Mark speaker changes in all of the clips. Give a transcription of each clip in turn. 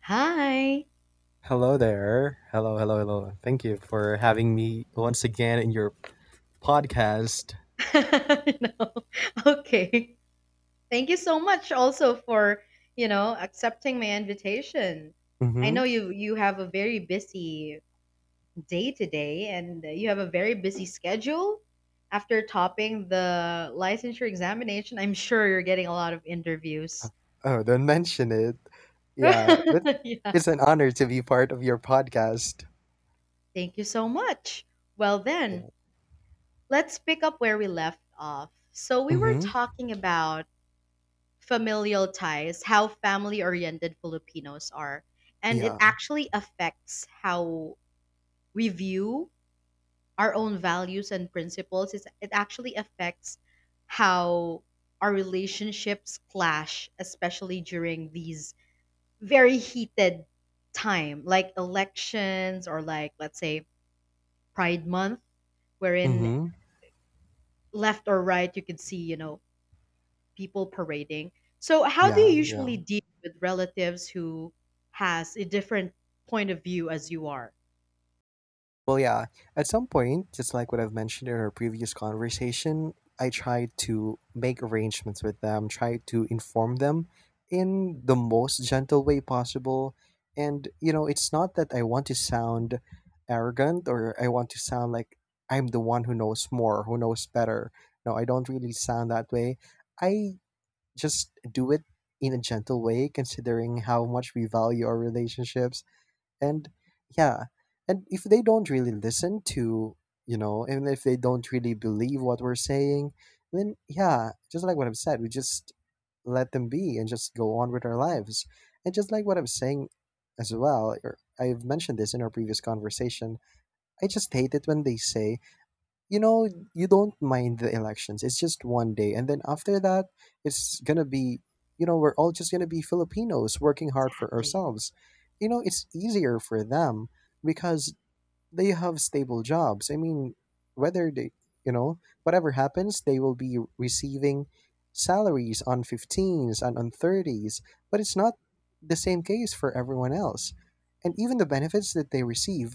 Speaker 1: Hi
Speaker 2: Hello there. Hello, hello, hello. Thank you for having me once again in your podcast.
Speaker 1: know okay thank you so much also for accepting my invitation. I
Speaker 2: Mm-hmm.
Speaker 1: know you have a very busy day today and you have a very busy schedule. After topping the licensure examination, I'm sure you're getting a lot of interviews.
Speaker 2: Oh, don't mention it. Yeah, but
Speaker 1: Yeah,
Speaker 2: it's an honor to be part of your podcast.
Speaker 1: thank you so much. Well then,
Speaker 2: Yeah.
Speaker 1: let's pick up where we left off. So we were
Speaker 2: Mm-hmm.
Speaker 1: talking about familial ties, how family oriented Filipinos are. And it
Speaker 2: Yeah.
Speaker 1: actually affects how we view our own values and principles. It actually affects how our relationships clash, especially during these very heated time, like elections or like, let's say, Pride Month, wherein
Speaker 2: Mm-hmm.
Speaker 1: left or right, you could see, you know, people parading. So how do you
Speaker 2: Yeah. Yeah.
Speaker 1: usually deal with relatives who has a different point of view as you are?
Speaker 2: Well, yeah, at some point, just like what I've mentioned in our previous conversation, I tried to make arrangements with them, try to inform them in the most gentle way possible. And, you know, it's not that I want to sound arrogant or I want to sound like I'm the one who knows more, who knows better. No, I don't really sound that way. I just do it in a gentle way, considering how much we value our relationships. And yeah, and if they don't really listen to, you know, and if they don't really believe what we're saying, then yeah, just like what I've said, we just let them be and just go on with our lives. And just like what I'm saying as well, or I've mentioned this in our previous conversation, I just hate it when they say, you know, you don't mind the elections, it's just one day, and then after that, it's gonna be, you know, we're all just gonna be Filipinos working hard for
Speaker 1: Exactly.
Speaker 2: ourselves. You know, it's easier for them because they have stable jobs. I mean, whether they, you know, whatever happens, they will be receiving salaries on 15s and on 30s. But it's not the same case for everyone else. And even the benefits that they receive,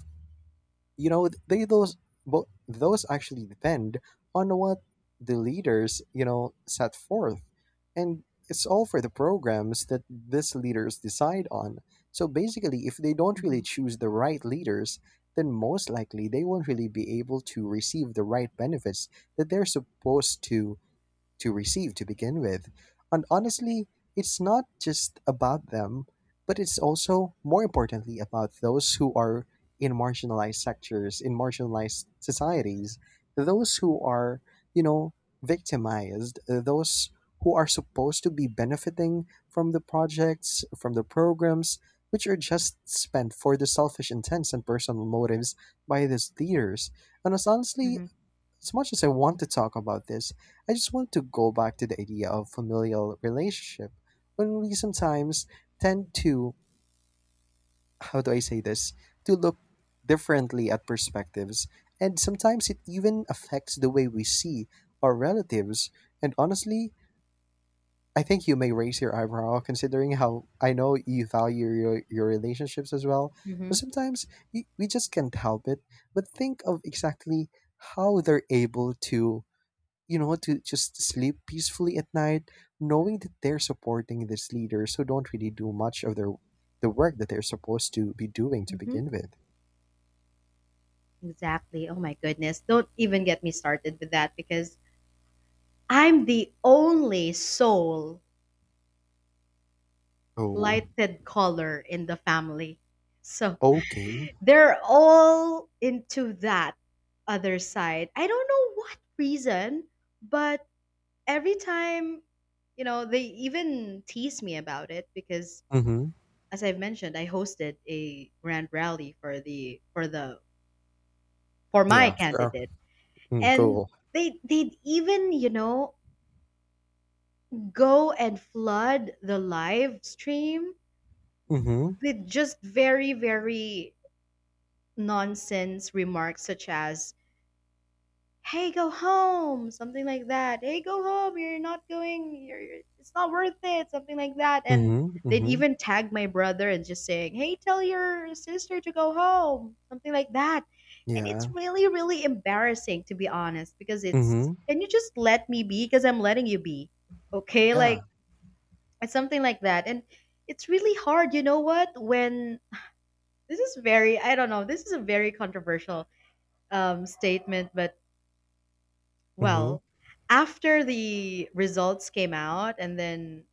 Speaker 2: you know, they those but those actually depend on what the leaders, you know, set forth. And it's all for the programs that these leaders decide on. So basically, if they don't really
Speaker 1: Mm-hmm.
Speaker 2: choose the right leaders, then most likely they won't really be able to receive the right benefits that they're supposed to receive to begin with. And
Speaker 1: Exactly.
Speaker 2: honestly, it's not just about them, but it's also more importantly about those who are in marginalized sectors, in marginalized societies, those who are, you know, victimized, those who are supposed to be benefiting from the projects, from the programs, which are just spent for the selfish intents and personal motives by these leaders. And as honestly,
Speaker 1: Mm-hmm.
Speaker 2: as much as I want to talk about this, I just want to go back to the idea of familial relationship when we sometimes tend to, how do I say this, to look differently at perspectives, and sometimes it even affects the way we see our relatives. And honestly, I think you may raise your eyebrow considering how I know you value your relationships as well, but
Speaker 1: Mm-hmm.
Speaker 2: sometimes we just can't help it but think of exactly how they're able to just sleep peacefully at night, knowing that they're supporting these leaders who don't really do much of the work that they're supposed to be doing to
Speaker 1: Mm-hmm.
Speaker 2: begin with.
Speaker 1: Exactly. Oh my goodness. Don't even get me started with that, because I'm the only sole
Speaker 2: Oh,
Speaker 1: lighted color in the family. So
Speaker 2: okay.
Speaker 1: they're all into that other side. I don't know what reason, but every time, you know, they even tease me about it, because
Speaker 2: Mm-hmm.
Speaker 1: as I've mentioned, I hosted a grand rally for the for the for my
Speaker 2: Yeah. Fair.
Speaker 1: candidate.
Speaker 2: Mm,
Speaker 1: And
Speaker 2: cool.
Speaker 1: they they'd even, you know, go and flood the live stream
Speaker 2: Mm-hmm.
Speaker 1: with just very, very nonsense remarks such as, "Hey, go home," something like that. "Hey, go home, you're not going, it's not worth it," something like that. And
Speaker 2: Mm-hmm.
Speaker 1: they'd
Speaker 2: Mm-hmm.
Speaker 1: even tag my brother and just saying, "Hey, tell your sister to go home," something like that. And it's
Speaker 2: Yeah.
Speaker 1: really, really embarrassing, to be honest, because it's,
Speaker 2: Mm-hmm.
Speaker 1: can you just let me be, because I'm letting you be, okay?
Speaker 2: Yeah.
Speaker 1: Like, it's something like that. And it's really hard, you know what, when this is very, I don't know, this is a very controversial statement. But
Speaker 2: Mm-hmm.
Speaker 1: well, after the results came out and then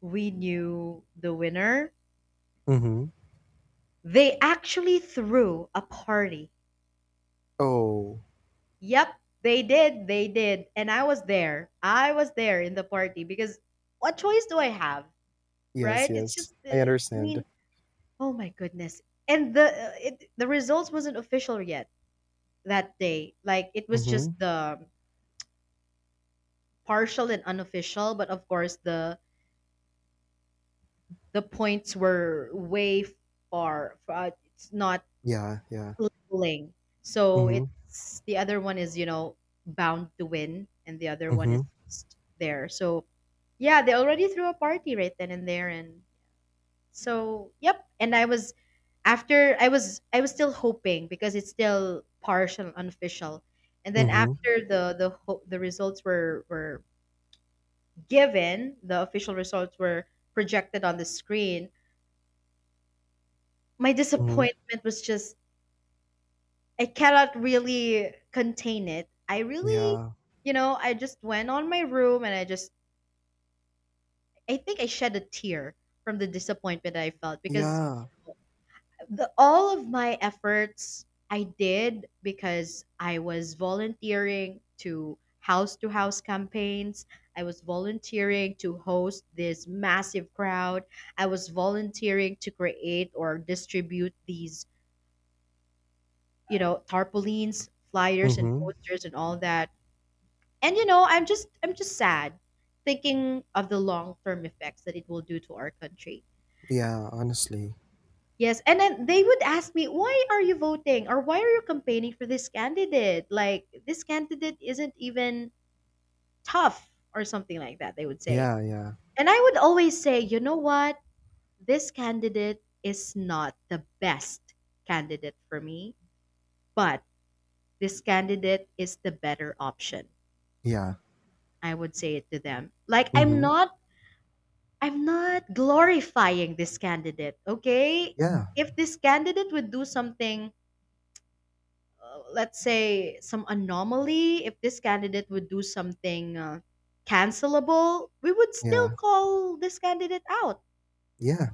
Speaker 1: we knew the winner,
Speaker 2: Mm-hmm.
Speaker 1: they actually threw a party.
Speaker 2: Oh,
Speaker 1: Yep, they did. They did. And I was there. I was there in the party, because what choice do I have,
Speaker 2: yes,
Speaker 1: right?
Speaker 2: yes.
Speaker 1: It's just
Speaker 2: I
Speaker 1: I
Speaker 2: understand.
Speaker 1: mean, oh my goodness. And the results wasn't official yet that day. Like, it was just
Speaker 2: Mm-hmm.
Speaker 1: the partial and unofficial, but of course the points were way far. It's not
Speaker 2: Yeah, yeah.
Speaker 1: leveling. So
Speaker 2: Mm-hmm.
Speaker 1: it's, the other one is, you know, bound to win, and the other one
Speaker 2: Mm-hmm.
Speaker 1: is just there. So yeah, they already threw a party right then and there, and so yep. And I was, after, I was still hoping because it's still partial, unofficial. And then
Speaker 2: Mm-hmm.
Speaker 1: after the results were given, the official results were projected on the screen. My
Speaker 2: Mm-hmm.
Speaker 1: disappointment was just, I cannot really contain it. I really,
Speaker 2: Yeah.
Speaker 1: you know, I just went on my room and I just, I think I shed a tear from the disappointment I felt, because
Speaker 2: Yeah.
Speaker 1: the all of my efforts I did, because I was volunteering to house campaigns. I was volunteering to host this massive crowd. I was volunteering to create or distribute these, you know, tarpaulins, flyers and
Speaker 2: Mm-hmm.
Speaker 1: posters and all that. And you know, I'm just sad thinking of the long-term effects that it will do to our country.
Speaker 2: Yeah, honestly.
Speaker 1: Yes, and then they would ask me, "Why are you voting or why are you campaigning for this candidate? Like, this candidate isn't even tough or something like that," they would say.
Speaker 2: Yeah, yeah.
Speaker 1: And I would always say, "You know what? This candidate is not the best candidate for me, but this candidate is the better option."
Speaker 2: Yeah.
Speaker 1: I would say it to them. Like, I'm
Speaker 2: Mm-hmm.
Speaker 1: not I'm not glorifying this candidate, okay?
Speaker 2: Yeah.
Speaker 1: If this candidate would do something let's say some anomaly, if this candidate would do something cancelable, we would still
Speaker 2: Yeah.
Speaker 1: call this candidate out.
Speaker 2: Yeah.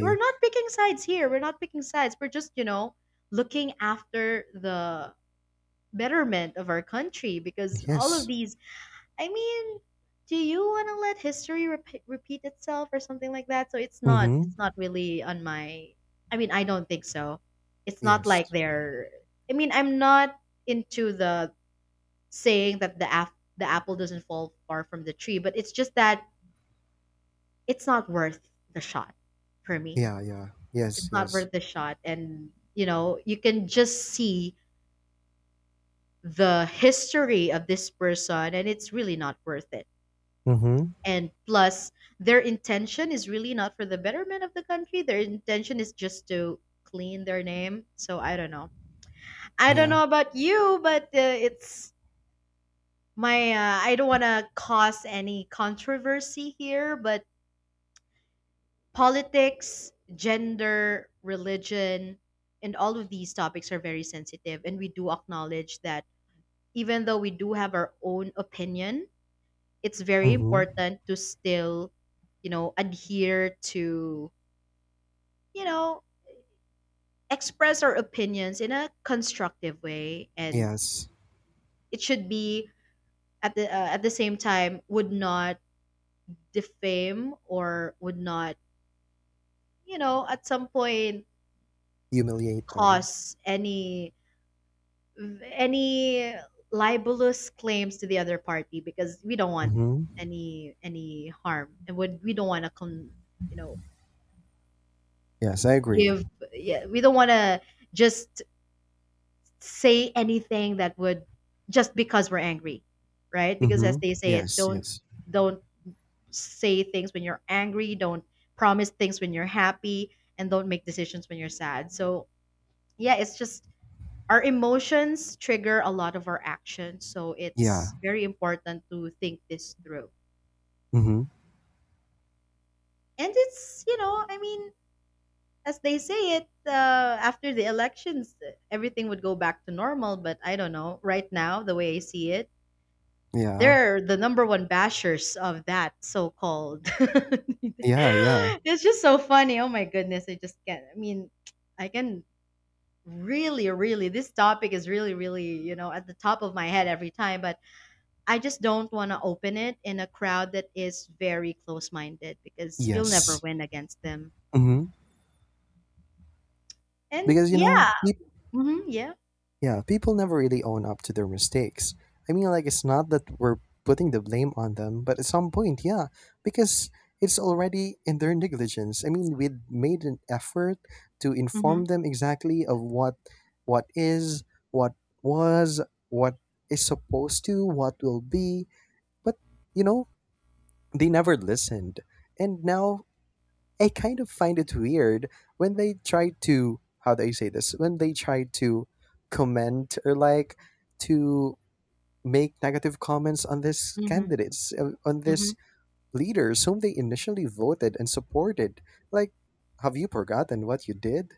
Speaker 1: We're not picking sides here. We're not picking sides. We're just, you know, looking after the betterment of our country, because all of
Speaker 2: Yes.
Speaker 1: these, I mean, do you want to let history repeat itself or something like that? So it's not,
Speaker 2: Mm-hmm.
Speaker 1: it's not really on my, I mean, I don't think so. It's not
Speaker 2: Yes.
Speaker 1: like they're, I mean, I'm not into the saying that the apple doesn't fall far from the tree, but it's just that it's not worth the shot for me.
Speaker 2: Yeah. Yeah. Yes.
Speaker 1: It's not
Speaker 2: Yes.
Speaker 1: worth the shot, and you know, you can just see the history of this person, and it's really not worth it.
Speaker 2: Mm-hmm.
Speaker 1: And plus, their intention is really not for the betterment of the country, their intention is just to clean their name. So I don't know, I don't
Speaker 2: Yeah.
Speaker 1: know about you, but it's my I don't want to cause any controversy here, but politics, gender, religion, and all of these topics are very sensitive, and we do acknowledge that. Even though we do have our own opinion, it's very
Speaker 2: Mm-hmm.
Speaker 1: important to still, you know, adhere to, you know, express our opinions in a constructive way, and
Speaker 2: Yes.
Speaker 1: it should be at the same time would not defame or would not, you know, at some point
Speaker 2: Humiliate them.
Speaker 1: cause any libelous claims to the other party, because we don't want
Speaker 2: Mm-hmm.
Speaker 1: any harm, and would we don't want to con, you know,
Speaker 2: Yes. I agree.
Speaker 1: give, yeah, we don't want to just say anything that would, just because we're angry, right? Because
Speaker 2: Mm-hmm.
Speaker 1: as they say it,
Speaker 2: Yes.
Speaker 1: don't
Speaker 2: Yes.
Speaker 1: don't say things when you're angry, don't promise things when you're happy, and don't make decisions when you're sad. So yeah, it's just, our emotions trigger a lot of our actions. So
Speaker 2: Yeah.
Speaker 1: it's very important to think this through.
Speaker 2: Mm-hmm.
Speaker 1: And it's, you know, I mean, as they say it, after the elections, everything would go back to normal. But I don't know. Right now, the way I see it,
Speaker 2: Yeah.
Speaker 1: they're the number one bashers of that so-called.
Speaker 2: Yeah. Yeah.
Speaker 1: It's just so funny. Oh my goodness, I just can't. I mean, I can, really, really. This topic is really, really, you know, at the top of my head every time. But I just don't want to open it in a crowd that is very close-minded, because you'll never
Speaker 2: Yes.
Speaker 1: win against them.
Speaker 2: Mm-hmm.
Speaker 1: And
Speaker 2: Because you know.
Speaker 1: yeah, hmm, yeah,
Speaker 2: Yeah, people never really own up to their mistakes. I mean, like, it's not that we're putting the blame on them, but at some point, yeah, because it's already in their negligence. I mean, we made an effort to
Speaker 1: hmm,
Speaker 2: inform them exactly of what is, what was, what is supposed to, what will be, but you know, they never listened. And now I kind of find it weird when they try to, how do I say this? When they try to comment or like to make negative comments on this
Speaker 1: hmm,
Speaker 2: candidates uh, on
Speaker 1: hmm.
Speaker 2: this leaders whom they initially voted and supported. Like, have you forgotten what you did?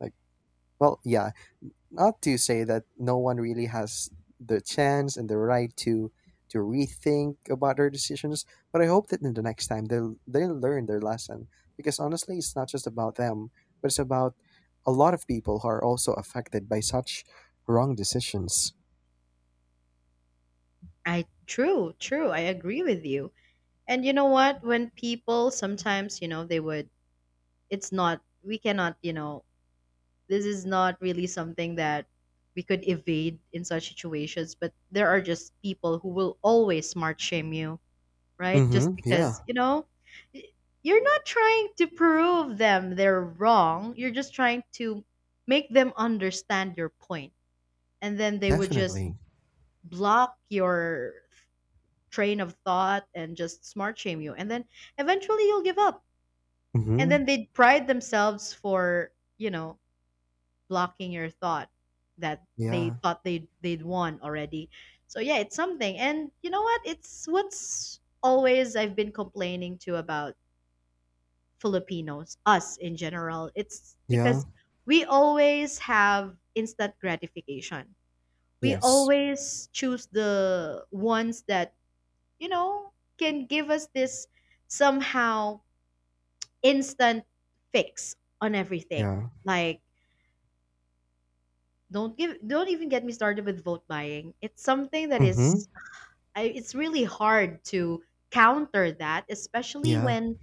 Speaker 2: Like, well, yeah, not to say that no one really has the chance and the right to rethink about their decisions, but I hope that in the next time they'll learn their lesson. Because honestly, it's not just about them, but it's about a lot of people who are also affected by such wrong decisions.
Speaker 1: I true, true. I agree with you. And you know what? When people sometimes, you know, they would, it's not, we cannot, you know, this is not really something that we could evade in such situations, but there are just people who will always smart shame you, right, just
Speaker 2: Mm-hmm.
Speaker 1: because,
Speaker 2: Yeah,
Speaker 1: you know, y- you're not trying to prove them they're wrong, you're just trying to make them understand your point, and then they would just
Speaker 2: definitely.
Speaker 1: block your train of thought and just smart shame you, and then eventually you'll give up, and
Speaker 2: Mm-hmm.
Speaker 1: then they'd pride themselves for, you know, blocking your thought, that they
Speaker 2: Yeah.
Speaker 1: thought they'd won already. So yeah, it's something. And you know what? It's what's always I've been complaining to about Filipinos, us in general. It's
Speaker 2: Yeah.
Speaker 1: because we always have instant gratification. We
Speaker 2: Yes.
Speaker 1: always choose the ones that, you know, can give us this somehow instant fix on everything.
Speaker 2: Yeah.
Speaker 1: Like, don't even get me started with vote buying. It's something that
Speaker 2: Mm-hmm.
Speaker 1: is, I, it's really hard to counter that, especially
Speaker 2: Yeah.
Speaker 1: when,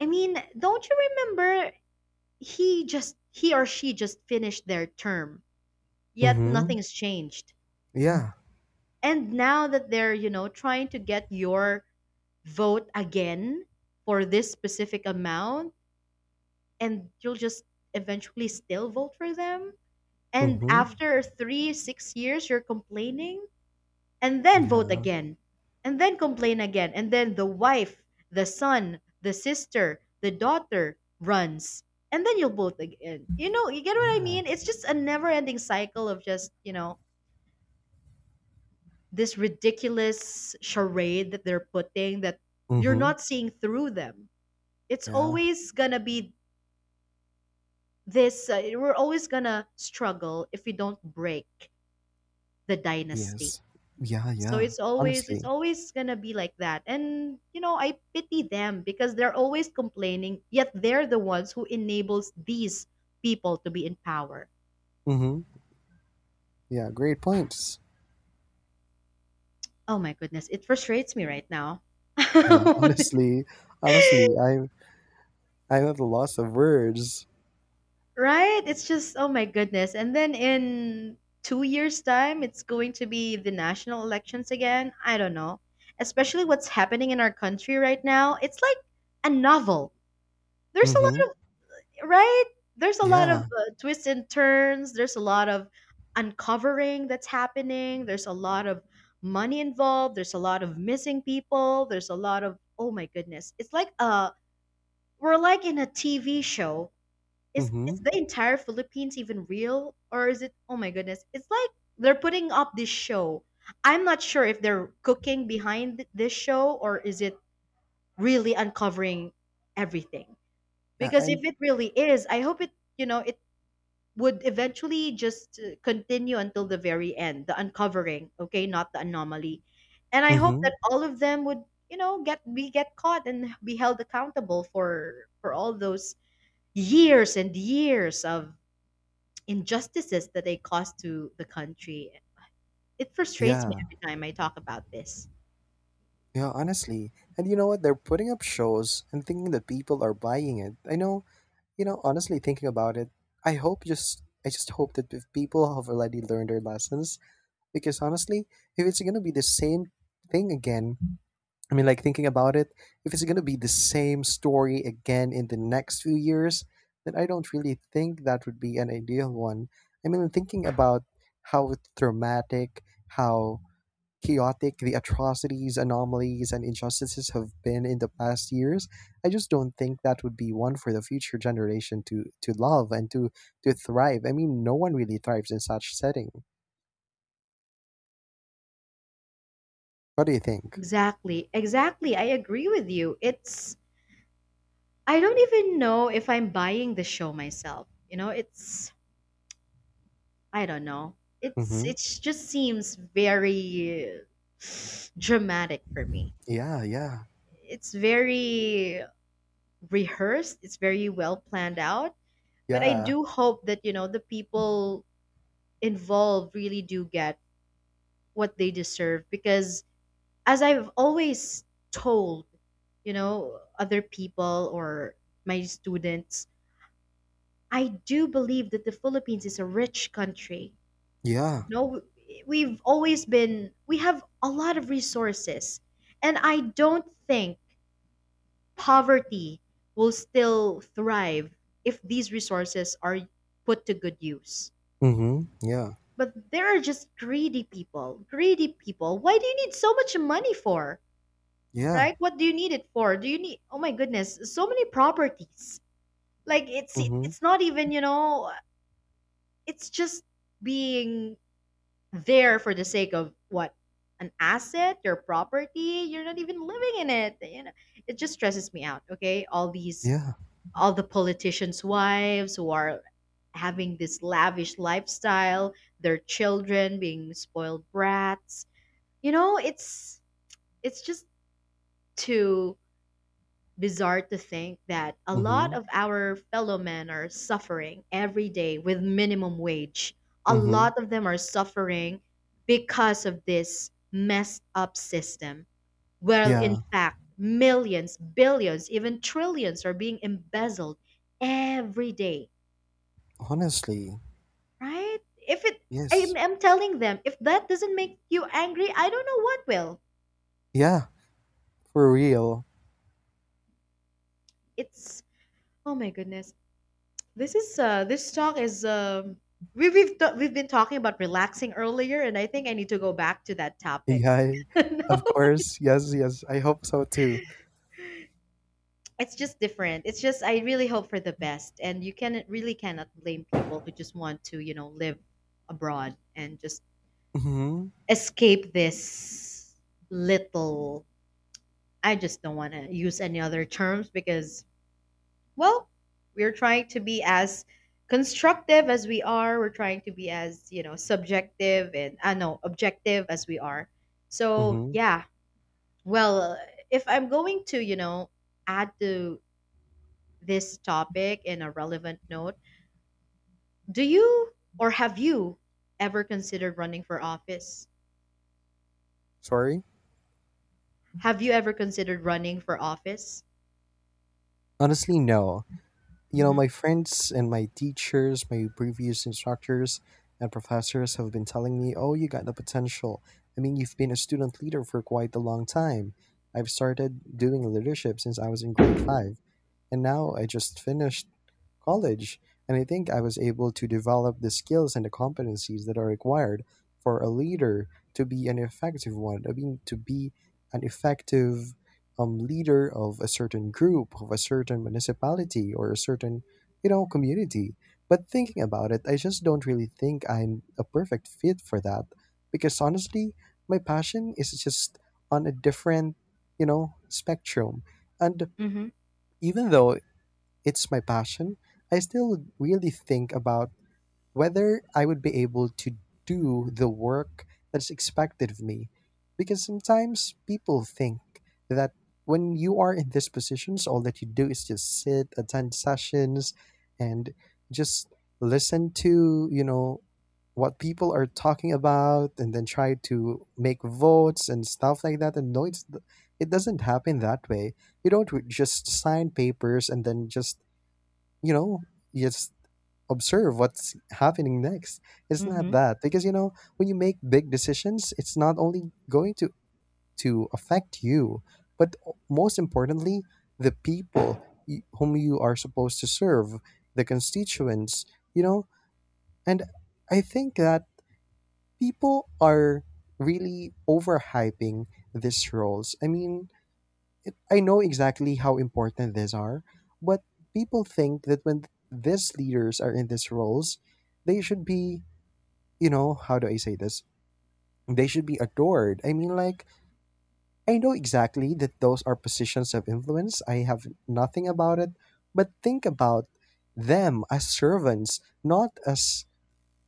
Speaker 1: I mean, don't you remember, he or she just finished their term, yet
Speaker 2: Mm-hmm.
Speaker 1: nothing's changed.
Speaker 2: Yeah.
Speaker 1: And now that they're, you know, trying to get your vote again for this specific amount, and you'll just eventually still vote for them, and
Speaker 2: Mm-hmm.
Speaker 1: after 3 6 years you're complaining and then vote
Speaker 2: Yeah.
Speaker 1: again, and then complain again, and then the wife, the son, the sister, the daughter runs, and then you'll vote again. You know, you get what I
Speaker 2: Yeah.
Speaker 1: mean? It's just a never-ending cycle of just, you know, this ridiculous charade that they're putting, that you're
Speaker 2: Mm-hmm.
Speaker 1: not seeing through them. It's
Speaker 2: Yeah.
Speaker 1: always gonna be this, we're always gonna struggle if we don't break the dynasty.
Speaker 2: Yes. Yeah,
Speaker 1: So
Speaker 2: yeah.
Speaker 1: it's
Speaker 2: Honestly.
Speaker 1: always gonna be like that. And you know, I pity them because they're always complaining, yet they're the ones who enables these people to be in power.
Speaker 2: Mhm. Yeah, great points.
Speaker 1: Oh my goodness, it frustrates me right now.
Speaker 2: Yeah,
Speaker 1: Right?
Speaker 2: honestly. Honestly, I'm at a loss of words.
Speaker 1: It's just, oh my goodness. And then in 2 years' time it's going to be the national elections again. I don't know. Especially what's happening in our country right now. It's like a novel. There's a
Speaker 2: Mhm.
Speaker 1: lot, right? There's a lot of
Speaker 2: Yeah.
Speaker 1: twists and turns. There's a lot of uncovering that's happening. There's a lot of money involved. There's a lot of missing people. There's a lot of, oh my goodness. It's like we're like in a TV show. Is
Speaker 2: Mhm.
Speaker 1: the entire Philippines even real, or is it, oh my goodness. It's like they're putting up this show. I'm not sure if they're cooking behind this show or is it really uncovering everything.
Speaker 2: Yeah,
Speaker 1: Because if
Speaker 2: and
Speaker 1: it really is, I hope it you know it would eventually just continue until the very end, the uncovering, okay, not the anomaly. And I hope that
Speaker 2: mhm.
Speaker 1: all of them would, get caught and be held accountable for all those years and years of injustices that they caused to the country. It frustrates me
Speaker 2: Yeah.
Speaker 1: every time I talk about this.
Speaker 2: Yeah, honestly. And you know what? They're putting up shows and thinking that people are buying it. I know, you know, honestly thinking about it, I just hope that if people have already learned their lessons, because honestly, if it's going to be the same thing again, I mean, like thinking about it, if it's gonna be the same story again in the next few years, then I don't really think that would be an ideal one. I mean, thinking about how dramatic, how chaotic the atrocities, anomalies, and injustices have been in the past years, I just don't think that would be one for the future generation to love and to thrive. I mean, no one really thrives in such setting. What do you think?
Speaker 1: Exactly. Exactly. I agree with you. It's I don't even know if I'm buying the show myself. You know, it's I don't know. It's
Speaker 2: Mm-hmm.
Speaker 1: it just seems very dramatic for me.
Speaker 2: Yeah, yeah,
Speaker 1: It's very rehearsed, it's very well planned out, but I
Speaker 2: yeah,
Speaker 1: do hope that the people involved really do get what they deserve, because as I've always told, other people or my students, I do believe that the Philippines is a rich country.
Speaker 2: yeah.
Speaker 1: No, we've always been, we have a lot of resources. And I don't think poverty will still thrive if these resources are put to good use.
Speaker 2: Mm-hmm. Yeah.
Speaker 1: But there are just greedy people. Greedy people. Why do you need so much money for?
Speaker 2: Yeah.
Speaker 1: Right? What do you need it for? Do you need, oh my goodness, so many properties. Like it's
Speaker 2: Mhm.
Speaker 1: it's not even, you know, it's just being there for the sake of what, an asset, your property you're not even living in, it, you know, it just stresses me out. Okay, all these
Speaker 2: Yeah.
Speaker 1: all the politicians wives who are having this lavish lifestyle, their children being spoiled brats, you know, it's just too bizarre to think that a lot
Speaker 2: Mhm.
Speaker 1: of our fellow men are suffering every day with minimum wage. A
Speaker 2: Mhm.
Speaker 1: lot of them are suffering because of this messed up system. Well, in
Speaker 2: Yeah.
Speaker 1: fact, millions, billions, even trillions are being embezzled every day,
Speaker 2: Honestly.
Speaker 1: right? If it,
Speaker 2: Yes.
Speaker 1: I'm telling them, if that doesn't make you angry, I don't know what will.
Speaker 2: Yeah. For real.
Speaker 1: It's, oh my goodness. This talk is, we've been talking about relaxing earlier, and I think I need to go back to that topic.
Speaker 2: Yeah. Of
Speaker 1: No,
Speaker 2: course. Yes, yes. I hope so too.
Speaker 1: it's just different. It's just I really hope for the best, and you can really cannot blame people who just want to live abroad and just
Speaker 2: Mhm.
Speaker 1: escape this little. I just don't want to use any other terms because, well, we're trying to be as constructive as we are. We're trying to be as, subjective and, I no, objective as we are. So,
Speaker 2: Mhm.
Speaker 1: yeah. Well, if I'm going to, add to this topic in a relevant note, do you, or have you ever considered running for office?
Speaker 2: Sorry?
Speaker 1: Have you ever considered running for office?
Speaker 2: Honestly, no. You know,
Speaker 1: Hmm.
Speaker 2: my friends and my teachers, my previous instructors and professors have been telling me, "Oh, you got the potential. I mean, you've been a student leader for quite a long time." I've started doing leadership since I was in grade 5, and now I just finished college. And I think I was able to develop the skills and the competencies that are required for a leader to be an effective one. I mean, to be an effective leader of a certain group, of a certain municipality, or a certain, you know, community. But thinking about it, I just don't really think I'm a perfect fit for that because honestly, my passion is just on a different, you know, spectrum. And
Speaker 1: Hmm.
Speaker 2: even though it's my passion, I still really think about whether I would be able to do the work that's expected of me. Because sometimes people think that when you are in these positions, all that you do is just sit, attend sessions, and just listen to, you know, what people are talking about and then try to make votes and stuff like that. And no, it doesn't happen that way. You don't just sign papers and then just, you know, you just observe what's happening next. It's not
Speaker 1: Hmm.
Speaker 2: that, because you know, when you make big decisions, it's not only going to affect you, but most importantly the people whom you are supposed to serve, the constituents, you know. And I think that people are really overhyping these roles. I mean, I know exactly how important these are, but people think that when these leaders are in these roles, they should be, you know, how do I say this? They should be adored. I mean, like, I know exactly that those are positions of influence. I have nothing about it, but think about them as servants, not as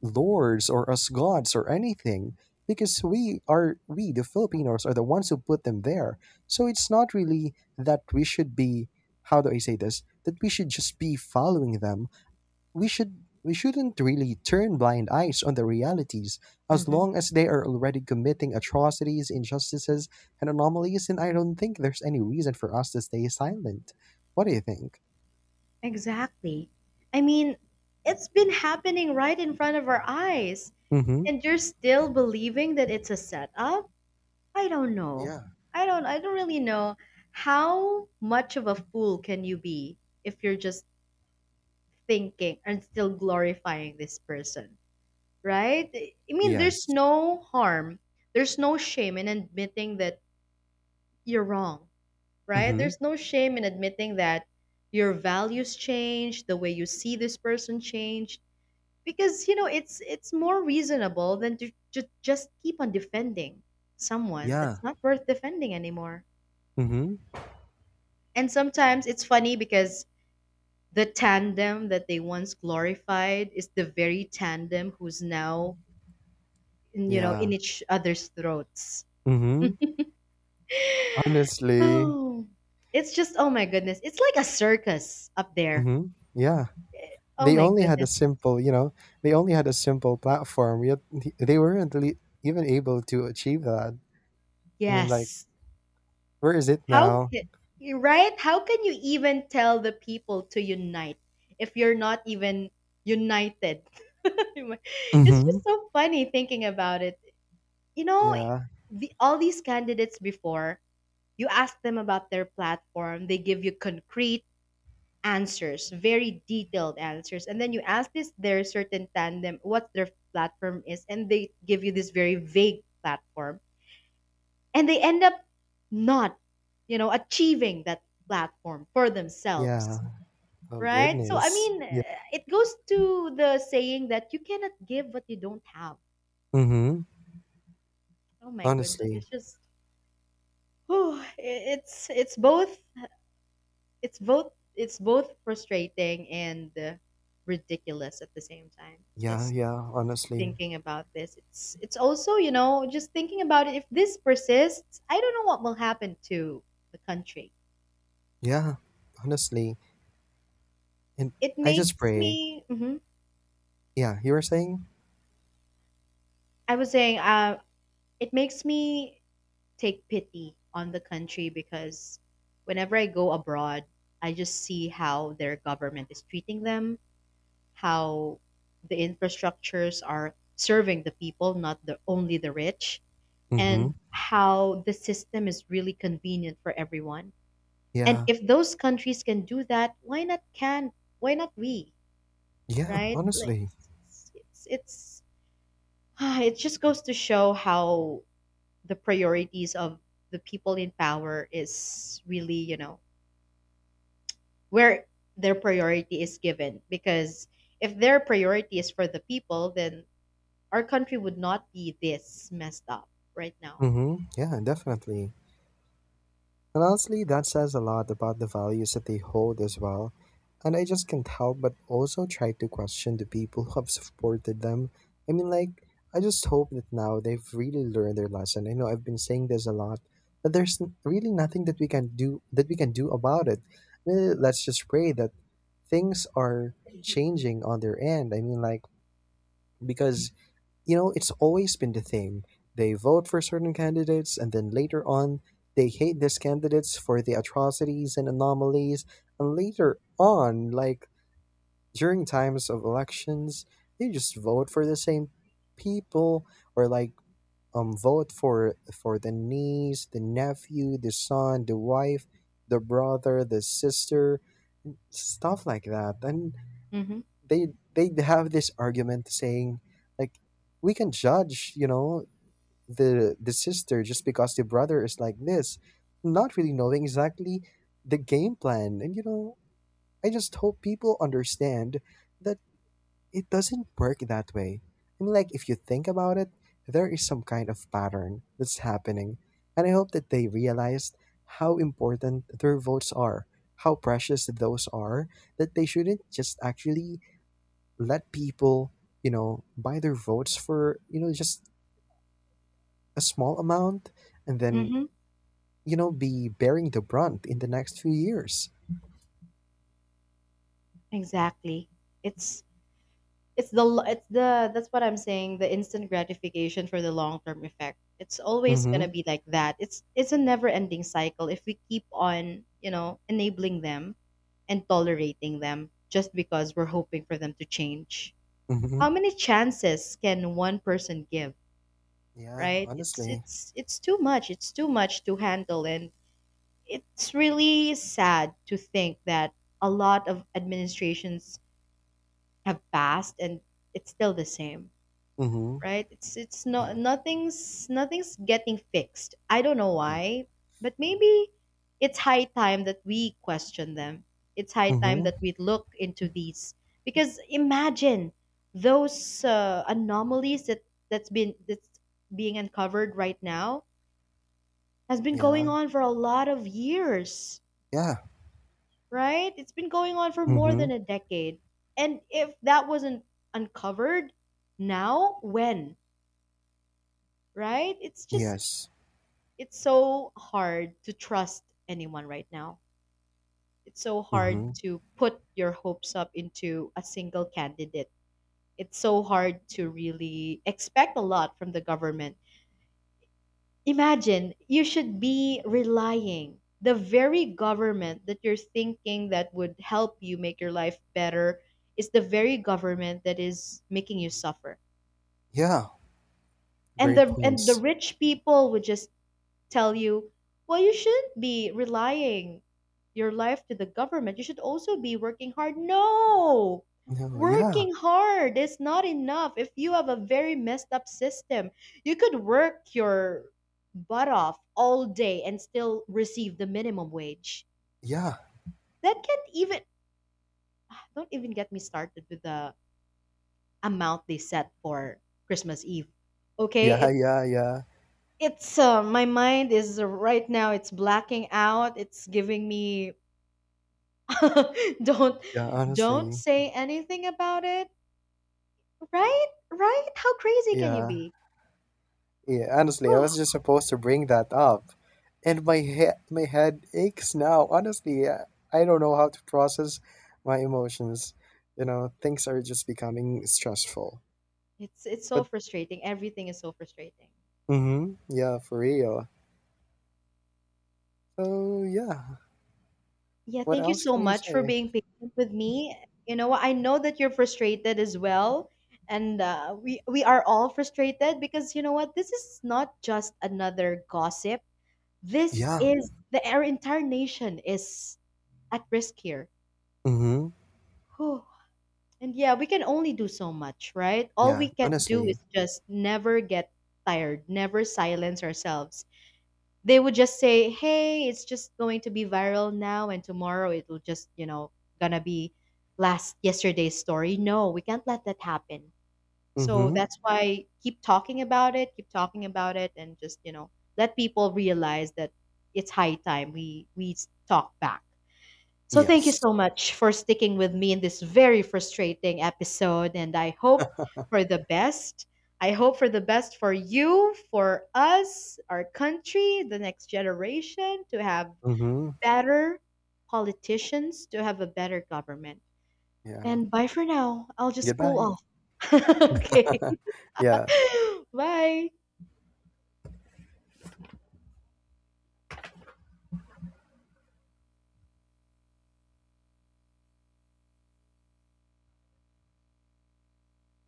Speaker 2: lords or as gods or anything because we the Filipinos are the ones who put them there. So it's not really that we should be, how do I say this, that we should just be following them. We shouldn't really turn blind eyes on the realities as
Speaker 1: Hmm.
Speaker 2: long as they are already committing atrocities, injustices, and anomalies. And I don't think there's any reason for us to stay silent. What do you think?
Speaker 1: Exactly. I mean, it's been happening right in front of our eyes.
Speaker 2: Mm-hmm.
Speaker 1: And you're still believing that it's a setup. I don't know.
Speaker 2: Yeah.
Speaker 1: I don't really know. How much of a fool can you be if you're just thinking and still glorifying this person, right? I mean,
Speaker 2: Yes.
Speaker 1: there's no harm, there's no shame in admitting that you're wrong, right?
Speaker 2: Mm-hmm.
Speaker 1: There's no shame in admitting that your values change, the way you see this person change, because you know it's more reasonable than to just keep on defending someone
Speaker 2: Yeah.
Speaker 1: that's not worth defending anymore.
Speaker 2: Mm-hmm.
Speaker 1: And sometimes it's funny, because the tandem that they once glorified is the very tandem who's now, you know,
Speaker 2: Yeah.
Speaker 1: in each other's throats.
Speaker 2: Mm-hmm. Honestly,
Speaker 1: Oh, it's just, oh my goodness, it's like a circus up there.
Speaker 2: mhm, yeah,
Speaker 1: Oh
Speaker 2: they
Speaker 1: my
Speaker 2: only had a
Speaker 1: goodness.
Speaker 2: simple, you know, they only had a simple platform. Yet they weren't really even able to achieve that. I mean, like,
Speaker 1: Yes.
Speaker 2: where is it
Speaker 1: How
Speaker 2: now?
Speaker 1: can, you're right? How can you even tell the people to unite if you're not even united? It's
Speaker 2: Mm-hmm.
Speaker 1: just so funny thinking about it. You know,
Speaker 2: Yeah,
Speaker 1: all these candidates before, you ask them about their platform, they give you concrete answers, very detailed answers. And then you ask this their certain tandem what their platform is, and they give you this very vague platform, and they end up not achieving that platform for
Speaker 2: yeah.
Speaker 1: themselves,
Speaker 2: Oh
Speaker 1: right? So I
Speaker 2: goodness.
Speaker 1: mean,
Speaker 2: Yeah.
Speaker 1: it goes to the saying that you cannot give what you don't have.
Speaker 2: Mm-hmm.
Speaker 1: Oh my goodness,
Speaker 2: Honestly,
Speaker 1: it's just, whew, it's both frustrating and ridiculous at the same time. It's
Speaker 2: yeah,
Speaker 1: just
Speaker 2: yeah. Honestly,
Speaker 1: thinking about this, it's also, you know, just thinking about it, if this persists, I don't know what will happen to the country.
Speaker 2: yeah. Honestly, and
Speaker 1: It
Speaker 2: I just
Speaker 1: makes
Speaker 2: pray.
Speaker 1: me. Mhm.
Speaker 2: Yeah, you were saying.
Speaker 1: I was saying, it makes me take pity on the country, because whenever I go abroad, I just see how their government is treating them, how the infrastructures are serving the people, not the only the rich,
Speaker 2: Mm-hmm.
Speaker 1: and how the system is really convenient for everyone. And
Speaker 2: Yeah,
Speaker 1: if those countries can do that, why not can? Why not we?
Speaker 2: yeah.
Speaker 1: Right? Like,
Speaker 2: Honestly.
Speaker 1: it's it just goes to show how the priorities of the people in power is really, where their priority is given. Because if their priority is for the people, then our country would not be this messed up right now.
Speaker 2: Mm-hmm. Yeah, definitely. And honestly, that says a lot about the values that they hold as well. And I just can't help but also try to question the people who have supported them. I mean, like, I just hope that now they've really learned their lesson. I know I've been saying this a lot, but there's really nothing that we can do about it. I mean, let's just pray that things are changing on their end. I mean, like, because you know, it's always been the thing. They vote for certain candidates and then later on they hate these candidates for the atrocities and anomalies. And later on, like during times of elections, they just vote for the same people, or like vote for the niece, the nephew, the son, the wife, the brother, the sister, stuff like that. And
Speaker 1: Mm-hmm.
Speaker 2: they they have this argument saying like we can judge, you know, the sister just because the brother is like this, not really knowing exactly the game plan. And you know, I just hope people understand that it doesn't work that way. I mean, like if you think about it, there is some kind of pattern that's happening, and I hope that they realized how important their votes are, how precious those are, that they shouldn't just actually let people, you know, buy their votes for, you know, just a small amount, and then,
Speaker 1: Mm-hmm.
Speaker 2: you know, be bearing the brunt in the next few years.
Speaker 1: Exactly. It's It's the l- it's the That's what I'm saying, the instant gratification for the long-term effect. It's always going to
Speaker 2: Mm-hmm.
Speaker 1: be like that. It's a never-ending cycle if we keep on, you know, enabling them and tolerating them just because we're hoping for them to change.
Speaker 2: Mm-hmm.
Speaker 1: How many chances can one person give,
Speaker 2: Yeah,
Speaker 1: right? It's
Speaker 2: honestly.
Speaker 1: it's it's too much. It's too much to handle, and it's really sad to think that a lot of administrations have passed and it's still the same.
Speaker 2: Mm-hmm.
Speaker 1: Right? It's not,
Speaker 2: Yeah.
Speaker 1: nothing's getting fixed. I don't know
Speaker 2: Yeah.
Speaker 1: why, but maybe it's high time that we question them. It's high time
Speaker 2: Mm-hmm.
Speaker 1: that we look into these, because imagine, those anomalies that's being uncovered right now has been going
Speaker 2: Yeah.
Speaker 1: on for a lot of years,
Speaker 2: Yeah.
Speaker 1: right? It's been going on for more
Speaker 2: Mm-hmm.
Speaker 1: than a decade. And if that wasn't uncovered now, when? Right? It's just,
Speaker 2: Yes.
Speaker 1: it's so hard to trust anyone right now. It's so hard
Speaker 2: Mm-hmm.
Speaker 1: to put your hopes up into a single candidate. It's so hard to really expect a lot from the government. Imagine, you should be relying the very government that you're thinking that would help you make your life better is the very government that is making you suffer.
Speaker 2: Yeah.
Speaker 1: And
Speaker 2: Great
Speaker 1: the and the
Speaker 2: points.
Speaker 1: rich people would just tell you, well, you shouldn't be relying your life to the government. You should also be working hard. No!
Speaker 2: No, yeah.
Speaker 1: Working hard is not enough if you have a very messed up system. You could work your butt off all day and still receive the minimum wage.
Speaker 2: Yeah.
Speaker 1: That can't even, don't even get me started with the amount they set for Christmas Eve. Okay,
Speaker 2: Yeah. Yeah. Yeah.
Speaker 1: it's my mind is, right now it's blacking out. It's giving me, don't
Speaker 2: Yeah.
Speaker 1: don't
Speaker 2: Honestly.
Speaker 1: say anything about it. Right? Right? How crazy can you
Speaker 2: Yeah.
Speaker 1: be?
Speaker 2: Yeah. Honestly, I
Speaker 1: Oh,
Speaker 2: was just supposed to bring that up. And my head aches now. Honestly, I don't know how to process my emotions. You know, things are just becoming stressful.
Speaker 1: it's so
Speaker 2: But
Speaker 1: frustrating. Everything is so frustrating.
Speaker 2: mhm, yeah, for real. So, yeah,
Speaker 1: Yeah,
Speaker 2: what
Speaker 1: thank you
Speaker 2: else
Speaker 1: so
Speaker 2: can we
Speaker 1: much for
Speaker 2: say?
Speaker 1: being patient with me. You know what? I know that you're frustrated as well, and we are all frustrated, because you know what? This is not just another gossip. This
Speaker 2: Yeah.
Speaker 1: is, the our entire nation is at risk here.
Speaker 2: Mhm.
Speaker 1: Whew. And yeah, we can only do so much, right? All
Speaker 2: Yeah,
Speaker 1: we can do
Speaker 2: honestly.
Speaker 1: is just never get tired, never silence ourselves. They would just say, "Hey, it's just going to be viral now and tomorrow it'll just, gonna be last yesterday's story." No, we can't let that happen. So
Speaker 2: Mhm.
Speaker 1: that's why, keep talking about it, keep talking about it, and just, let people realize that it's high time we talk back. So thank
Speaker 2: Yes.
Speaker 1: you so much for sticking with me in this very frustrating episode, and I hope for the best. I hope for the best for you, for us, our country, the next generation, to have
Speaker 2: Mhm.
Speaker 1: better politicians, to have a better government.
Speaker 2: Yeah.
Speaker 1: And bye for now. I'll just cool
Speaker 2: Goodbye.
Speaker 1: off. Okay.
Speaker 2: Yeah. Yeah.
Speaker 1: Bye.